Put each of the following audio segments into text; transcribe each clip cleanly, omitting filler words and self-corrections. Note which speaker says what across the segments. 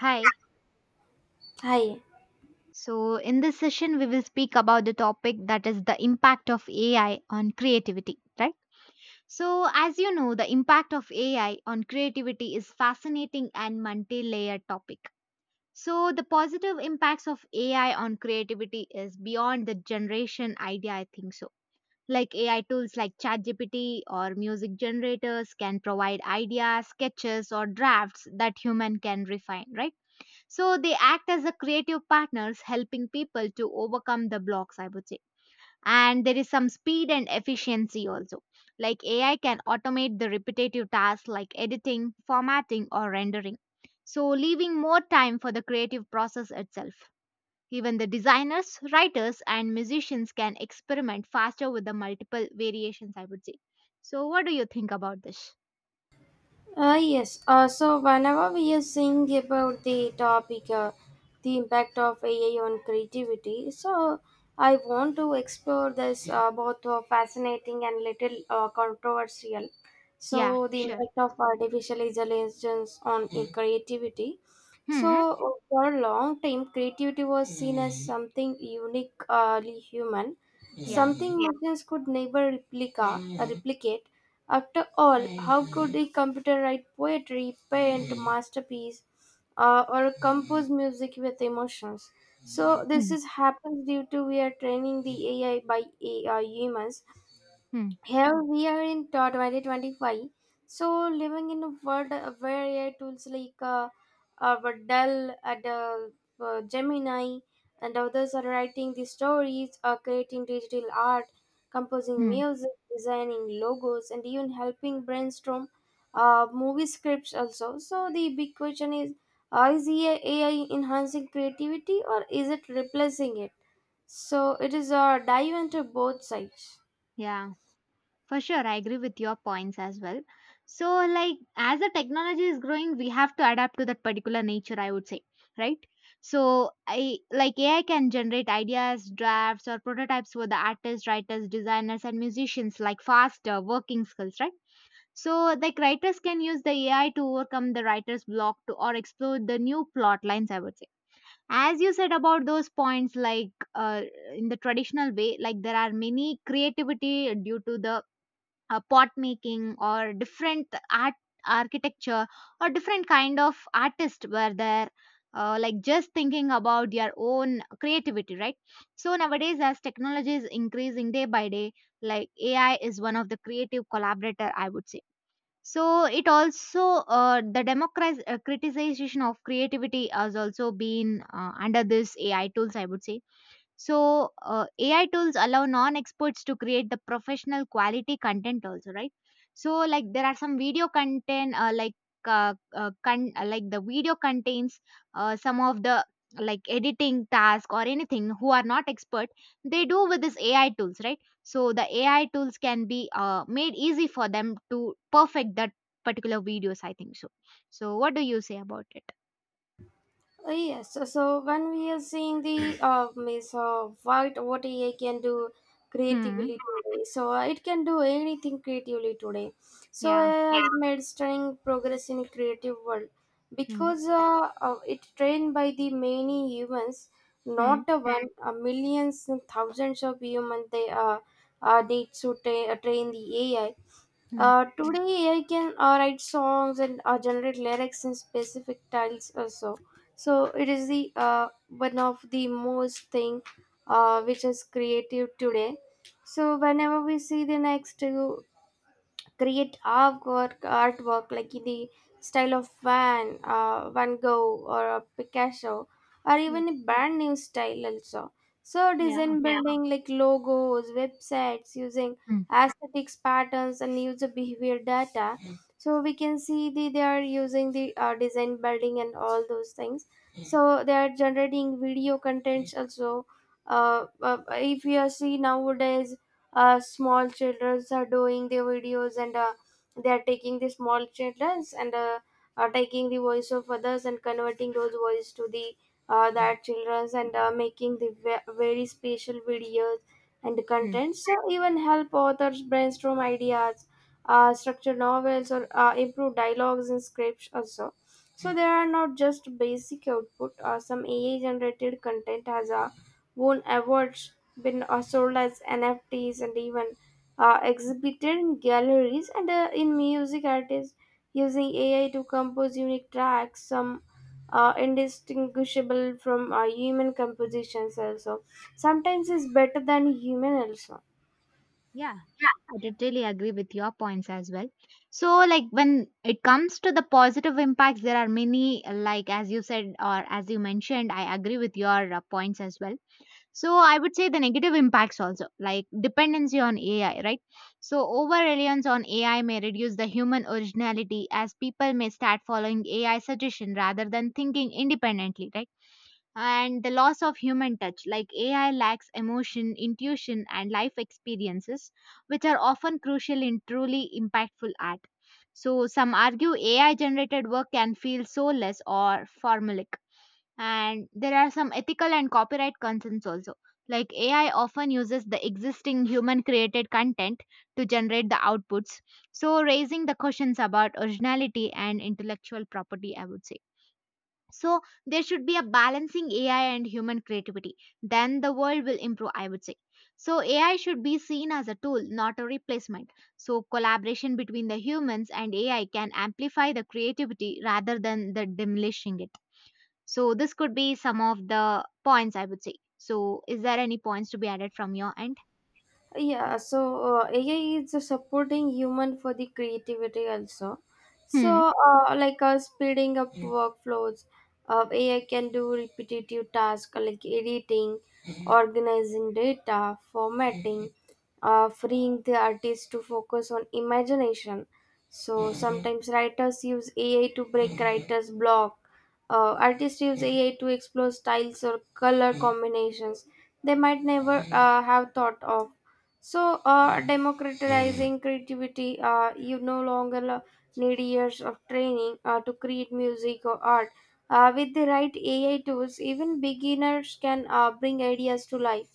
Speaker 1: Hi.
Speaker 2: Hi.
Speaker 1: So, in this session, we will speak about the topic that is the impact of AI on creativity, right? So, as you know, the impact of AI on creativity is fascinating and multi-layered topic. So, the positive impacts of AI on creativity is beyond the generation idea, I think so. Like AI tools like ChatGPT or music generators can provide ideas, sketches, or drafts that human can refine, right? So they act as a creative partners helping people to overcome the blocks, I would say. And there is some speed and efficiency also. Like AI can automate the repetitive tasks like editing, formatting, or rendering. So leaving more time for the creative process itself. Even the designers, writers, and musicians can experiment faster with the multiple variations, I would say. So what do you think about this?
Speaker 2: Yes. So whenever we are saying about the topic, the impact of AI on creativity, so I want to explore this both fascinating and little controversial.
Speaker 1: Yeah,
Speaker 2: So the
Speaker 1: sure.
Speaker 2: impact of artificial intelligence on creativity. So
Speaker 1: Hmm.
Speaker 2: for a long time, creativity was seen as something uniquely human,
Speaker 1: Yeah.
Speaker 2: something machines could never replicate. After all, how could a computer write poetry, paint masterpiece, or compose music with emotions? So this
Speaker 1: Hmm.
Speaker 2: is happens due to we are training the AI by AI humans.
Speaker 1: Hmm.
Speaker 2: Here we are in 2025, so living in a world where AI tools like uh, Dell and Gemini and others are writing the stories, creating digital art, composing
Speaker 1: Hmm.
Speaker 2: music, designing logos and even helping brainstorm movie scripts also. So the big question is, is AI enhancing creativity or is it replacing it? So it is a dive into both sides.
Speaker 1: Yeah. For sure, I agree with your points as well. So, like, as the technology is growing, we have to adapt to that particular nature, I would say, right? So, I like AI can generate ideas, drafts, or prototypes for the artists, writers, designers, and musicians, like faster working skills, right? So, like, writers can use the AI to overcome the writer's block to, or explore the new plot lines, I would say. As you said about those points, like in the traditional way, like there are many creativity due to the pot making or different art architecture or different kind of artists were there, like just thinking about their own creativity, right? So nowadays as technology is increasing day by day, like AI is one of the creative collaborator, I would say. So it also, the democratization, criticization of creativity has also been under this AI tools, I would say. So, AI tools allow non experts to create the professional quality content also, right? So, like there are some video content, like the video contains some of the like editing task or anything who are not expert, they do with this AI tools, right? So the AI tools can be made easy for them to perfect that particular videos, I think so. So what do you say about it?
Speaker 2: So when we are seeing the means what AI can do
Speaker 1: Hmm.
Speaker 2: creatively today, so it can do anything creatively today. So
Speaker 1: Yeah.
Speaker 2: AI has made stunning progress in creative world
Speaker 1: Hmm.
Speaker 2: because it trained by the many humans,
Speaker 1: Hmm.
Speaker 2: not a one, millions and thousands of humans they need to train the AI.
Speaker 1: Hmm.
Speaker 2: Today I can write songs and generate lyrics in specific styles also. So it is the one of the most thing which is creative today. So whenever we see the next create artwork like in the style of Van Gogh or a Picasso, or even
Speaker 1: Hmm.
Speaker 2: a brand new style also. So design,
Speaker 1: Yeah.
Speaker 2: yeah, building like logos, websites using
Speaker 1: Hmm.
Speaker 2: aesthetics patterns and user behavior data. So we can see the, they are using the design building and all those things. So they are generating video contents also. If you see nowadays small childrens are doing their videos and they are taking the small childrens and are taking the voice of others and converting those voice to the that childrens and making the very special videos and
Speaker 1: Hmm.
Speaker 2: contents, so even help authors brainstorm ideas, structure novels or improve dialogues and scripts also. So there are not just basic output, some ai generated content has a won awards, been sold as NFTs, and even exhibited in galleries and in music artists using AI to compose unique tracks, some indistinguishable from human compositions also. Sometimes it's better than human also.
Speaker 1: Yeah, I totally agree with your points as well. So, like when it comes to the positive impacts, there are many, like as you said or as you mentioned, I agree with your points as well. So, I would say the negative impacts also, like dependency on AI, right? So, over reliance on AI may reduce the human originality as people may start following AI suggestion rather than thinking independently, right? And the loss of human touch, like AI lacks emotion, intuition and life experiences which are often crucial in truly impactful art. So some argue AI generated work can feel soulless or formulaic, and there are some ethical and copyright concerns also, like AI often uses the existing human created content to generate the outputs, so raising the questions about originality and intellectual property, I would say. So there should be a balancing AI and human creativity. Then the world will improve, I would say. So AI should be seen as a tool, not a replacement. So collaboration between the humans and AI can amplify the creativity rather than the diminishing it. So this could be some of the points I would say. So is there any points to be added from your end?
Speaker 2: Yeah, so ai is supporting human for the creativity also. So
Speaker 1: Hmm.
Speaker 2: speeding up Mm. workflows. Ai can do repetitive tasks like editing, Mhm. organizing data, formatting, Mhm. Freeing the artist to focus on imagination. So Mhm. sometimes writers use ai to break Mhm. writers block, artists use AI to explore styles or color combinations they might never have thought of. So, democratizing creativity, you no longer need years of training to create music or art. With the right AI tools, even beginners can bring ideas to life.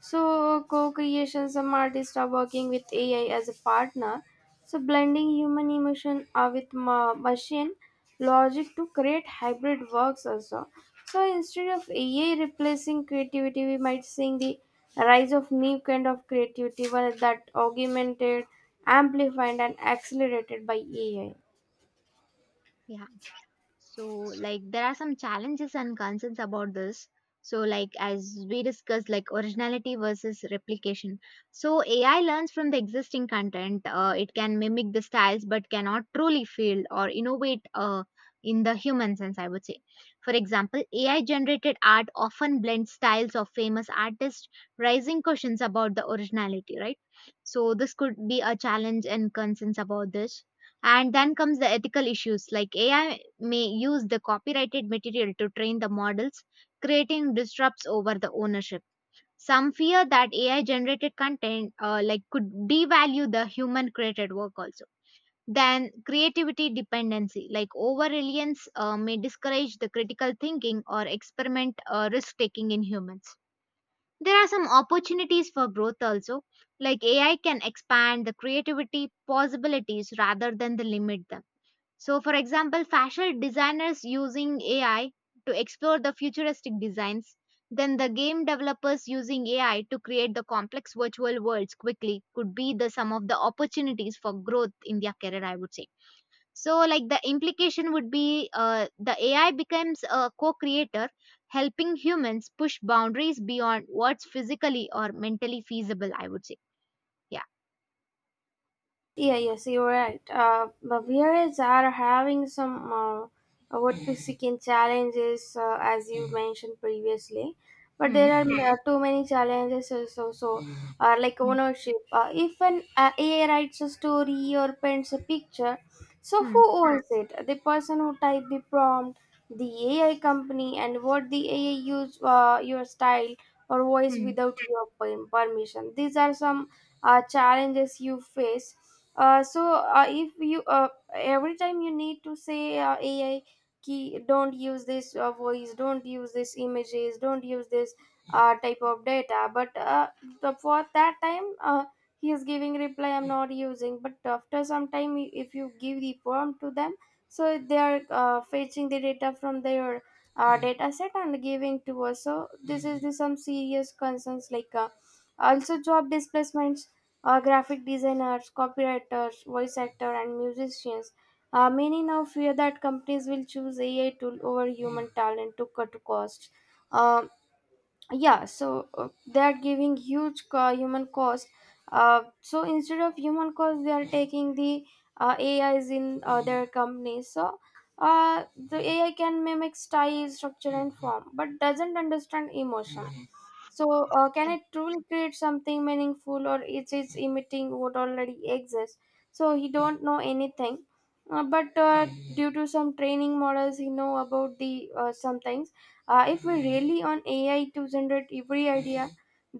Speaker 2: So, co creation, some artists are working with AI as a partner, so, blending human emotion with machine logic to create hybrid works also. So, instead of AI replacing creativity, we might seeing the rise of new kind of creativity, one that augmented, amplified, and accelerated by AI.
Speaker 1: Yeah. So, like, there are some challenges and concerns about this. So, like, as we discussed, like, originality versus replication. So, AI learns from the existing content. It can mimic the styles, but cannot truly feel or innovate in the human sense, I would say. For example, AI generated art often blends styles of famous artists, raising questions about the originality, right? So, this could be a challenge and concerns about this, and then comes the ethical issues, like AI may use the copyrighted material to train the models, creating disrupts over the ownership. Some fear that AI generated content, like, could devalue the human created work also. Then creativity dependency, like over reliance, may discourage the critical thinking or experiment, risk taking in humans. There are some opportunities for growth also, like AI can expand the creativity possibilities rather than the limit them. So, for example, fashion designers using AI to explore the futuristic designs, then the game developers using AI to create the complex virtual worlds quickly could be the some of the opportunities for growth in their career, I would say. So, like the implication would be the AI becomes a co creator, helping humans push boundaries beyond what's physically or mentally feasible, I would say. Yeah.
Speaker 2: Yeah, yes, you're right. Bavarians are having some what we seek in challenges, as you mentioned previously. But
Speaker 1: Hmm.
Speaker 2: there are too many challenges also, so like
Speaker 1: Hmm.
Speaker 2: ownership. If an AI writes a story or paints a picture, so
Speaker 1: Hmm.
Speaker 2: who owns it? The person who typed the prompt, the AI company, and what the AI use your style or voice
Speaker 1: Hmm.
Speaker 2: without your permission. These are some challenges you face. So if you every time you need to say AI key, don't use this voice, don't use this images, don't use this type of data. But the, for that time, he is giving reply. I'm not using. But after some time, if you give the prompt to them, so they are fetching the data from their data set and giving to us. So this is the some serious concerns, like also job displacements, graphic designers, copywriters, voice actor, and musicians. Many now fear that companies will choose AI tool over human talent to cut costs. Um yeah, so they are giving huge human cost, so instead of human cost they are taking the ais in their companies. So uh, the ai can mimic style structure and form but doesn't understand emotion. So can it truly create something meaningful or it is emitting what already exists? So he don't know anything, but due to some training models he know about the some things. If we rely on AI to generate every idea,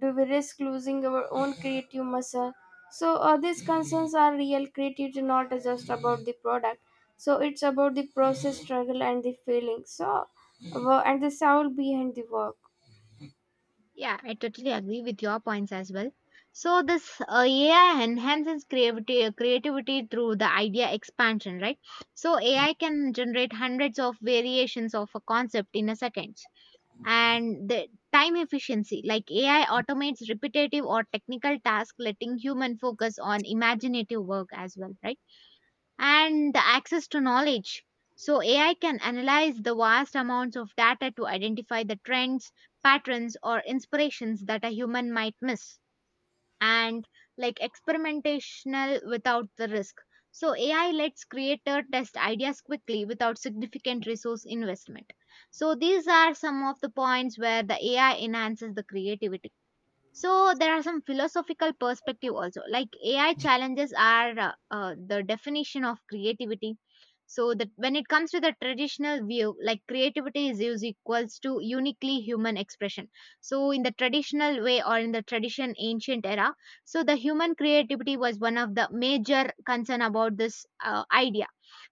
Speaker 2: do we risk losing our own creative muscle? So these concerns are real. Creativity not just about the product. So it's about the process, struggle, and the feeling. So and the soul behind the work.
Speaker 1: Yeah, I totally agree with your points as well. So this AI enhances creativity, creativity through the idea expansion, right? So AI can generate hundreds of variations of a concept in a second. And the time efficiency, like AI automates repetitive or technical tasks, letting human focus on imaginative work as well, right? And the access to knowledge. So, AI can analyze the vast amounts of data to identify the trends, patterns, or inspirations that a human might miss, and like experimentational without the risk. So, AI lets creator test ideas quickly without significant resource investment. So, these are some of the points where the AI enhances the creativity. So there are some philosophical perspective also, like AI challenges are the definition of creativity. So that when it comes to the traditional view, like creativity is used equals to uniquely human expression. So in the traditional way or in the tradition ancient era, so the human creativity was one of the major concern about this idea.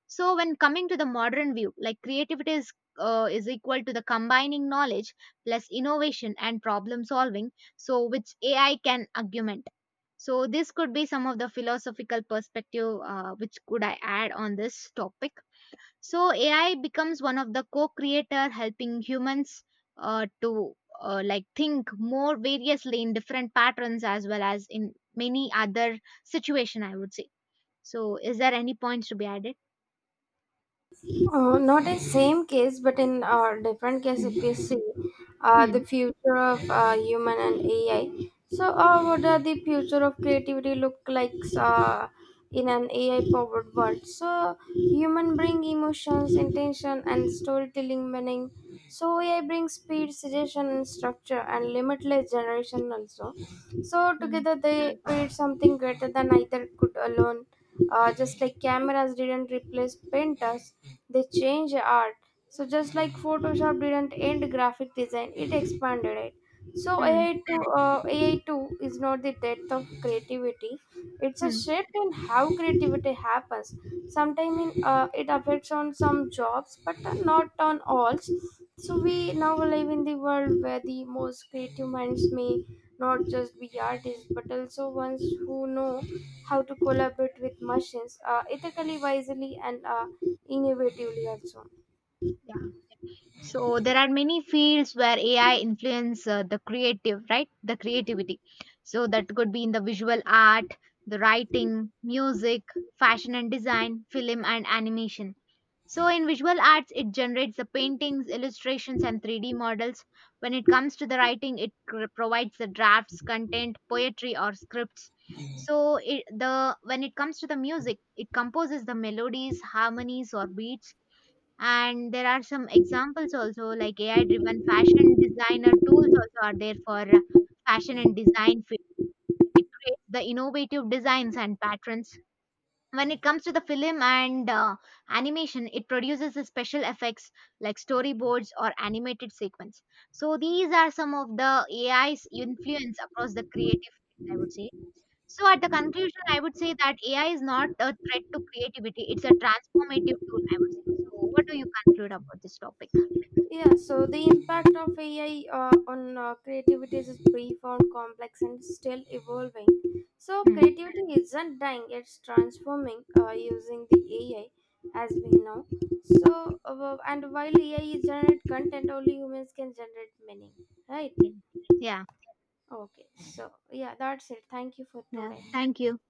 Speaker 1: So when coming to the modern view, like creativity is equal to the combining knowledge plus innovation and problem solving, so which AI can augment. So this could be some of the philosophical perspective which could I add on this topic. So AI becomes one of the co-creator helping humans to like think more variously in different patterns as well as in many other situation, I would say. So is there any points to be added?
Speaker 2: Not a same case, but in different case, if
Speaker 1: Hmm.
Speaker 2: you see the
Speaker 1: Hmm.
Speaker 2: future of human and AI. So, what are the future of creativity look like in an AI powered world? So, human bring emotions, intention, and storytelling meaning. So, AI brings speed, suggestion, and structure, and limitless generation also. So,
Speaker 1: Hmm,
Speaker 2: together they create something greater than either could alone. Just like cameras didn't replace painters, they changed art. So just like Photoshop didn't end graphic design, it expanded it. So
Speaker 1: hmm,
Speaker 2: AI two uh, AI two is not the death of creativity. It's a
Speaker 1: hmm.
Speaker 2: shift in how creativity happens. Sometimes it affects on some jobs, but not on all. So we now live in the world where the most creative minds may not just be artists but also ones who know how to collaborate with machines ethically wisely and innovatively also.
Speaker 1: Yeah. So there are many fields where AI influence the creative, right? The creativity. So that could be in the visual art, the writing, music, fashion and design, film and animation. So in visual arts, it generates the paintings, illustrations, and 3D models. When it comes to the writing, it provides the drafts, content, poetry, or scripts. So it, the when it comes to the music, it composes the melodies, harmonies, or beats. And there are some examples also, like AI driven fashion designer tools also are there for fashion and design field. It creates the innovative designs and patterns. When it comes to the film and animation, it produces the special effects like storyboards or animated sequence. So these are some of the AI's influence across the creative fields, I would say. So at the conclusion, I would say that AI is not a threat to creativity; it's a transformative tool. I would say. So what do you conclude about this topic?
Speaker 2: Yeah, so the impact of ai on creativity is profound complex and still evolving. So
Speaker 1: Hmm.
Speaker 2: creativity isn't dying, it's transforming using the ai, as we know. So and while ai is generate content only humans can generate meaning, right?
Speaker 1: Yeah. Yeah.
Speaker 2: Okay, so yeah, that's it. Thank you for
Speaker 1: Yeah.
Speaker 2: today.
Speaker 1: Thank you.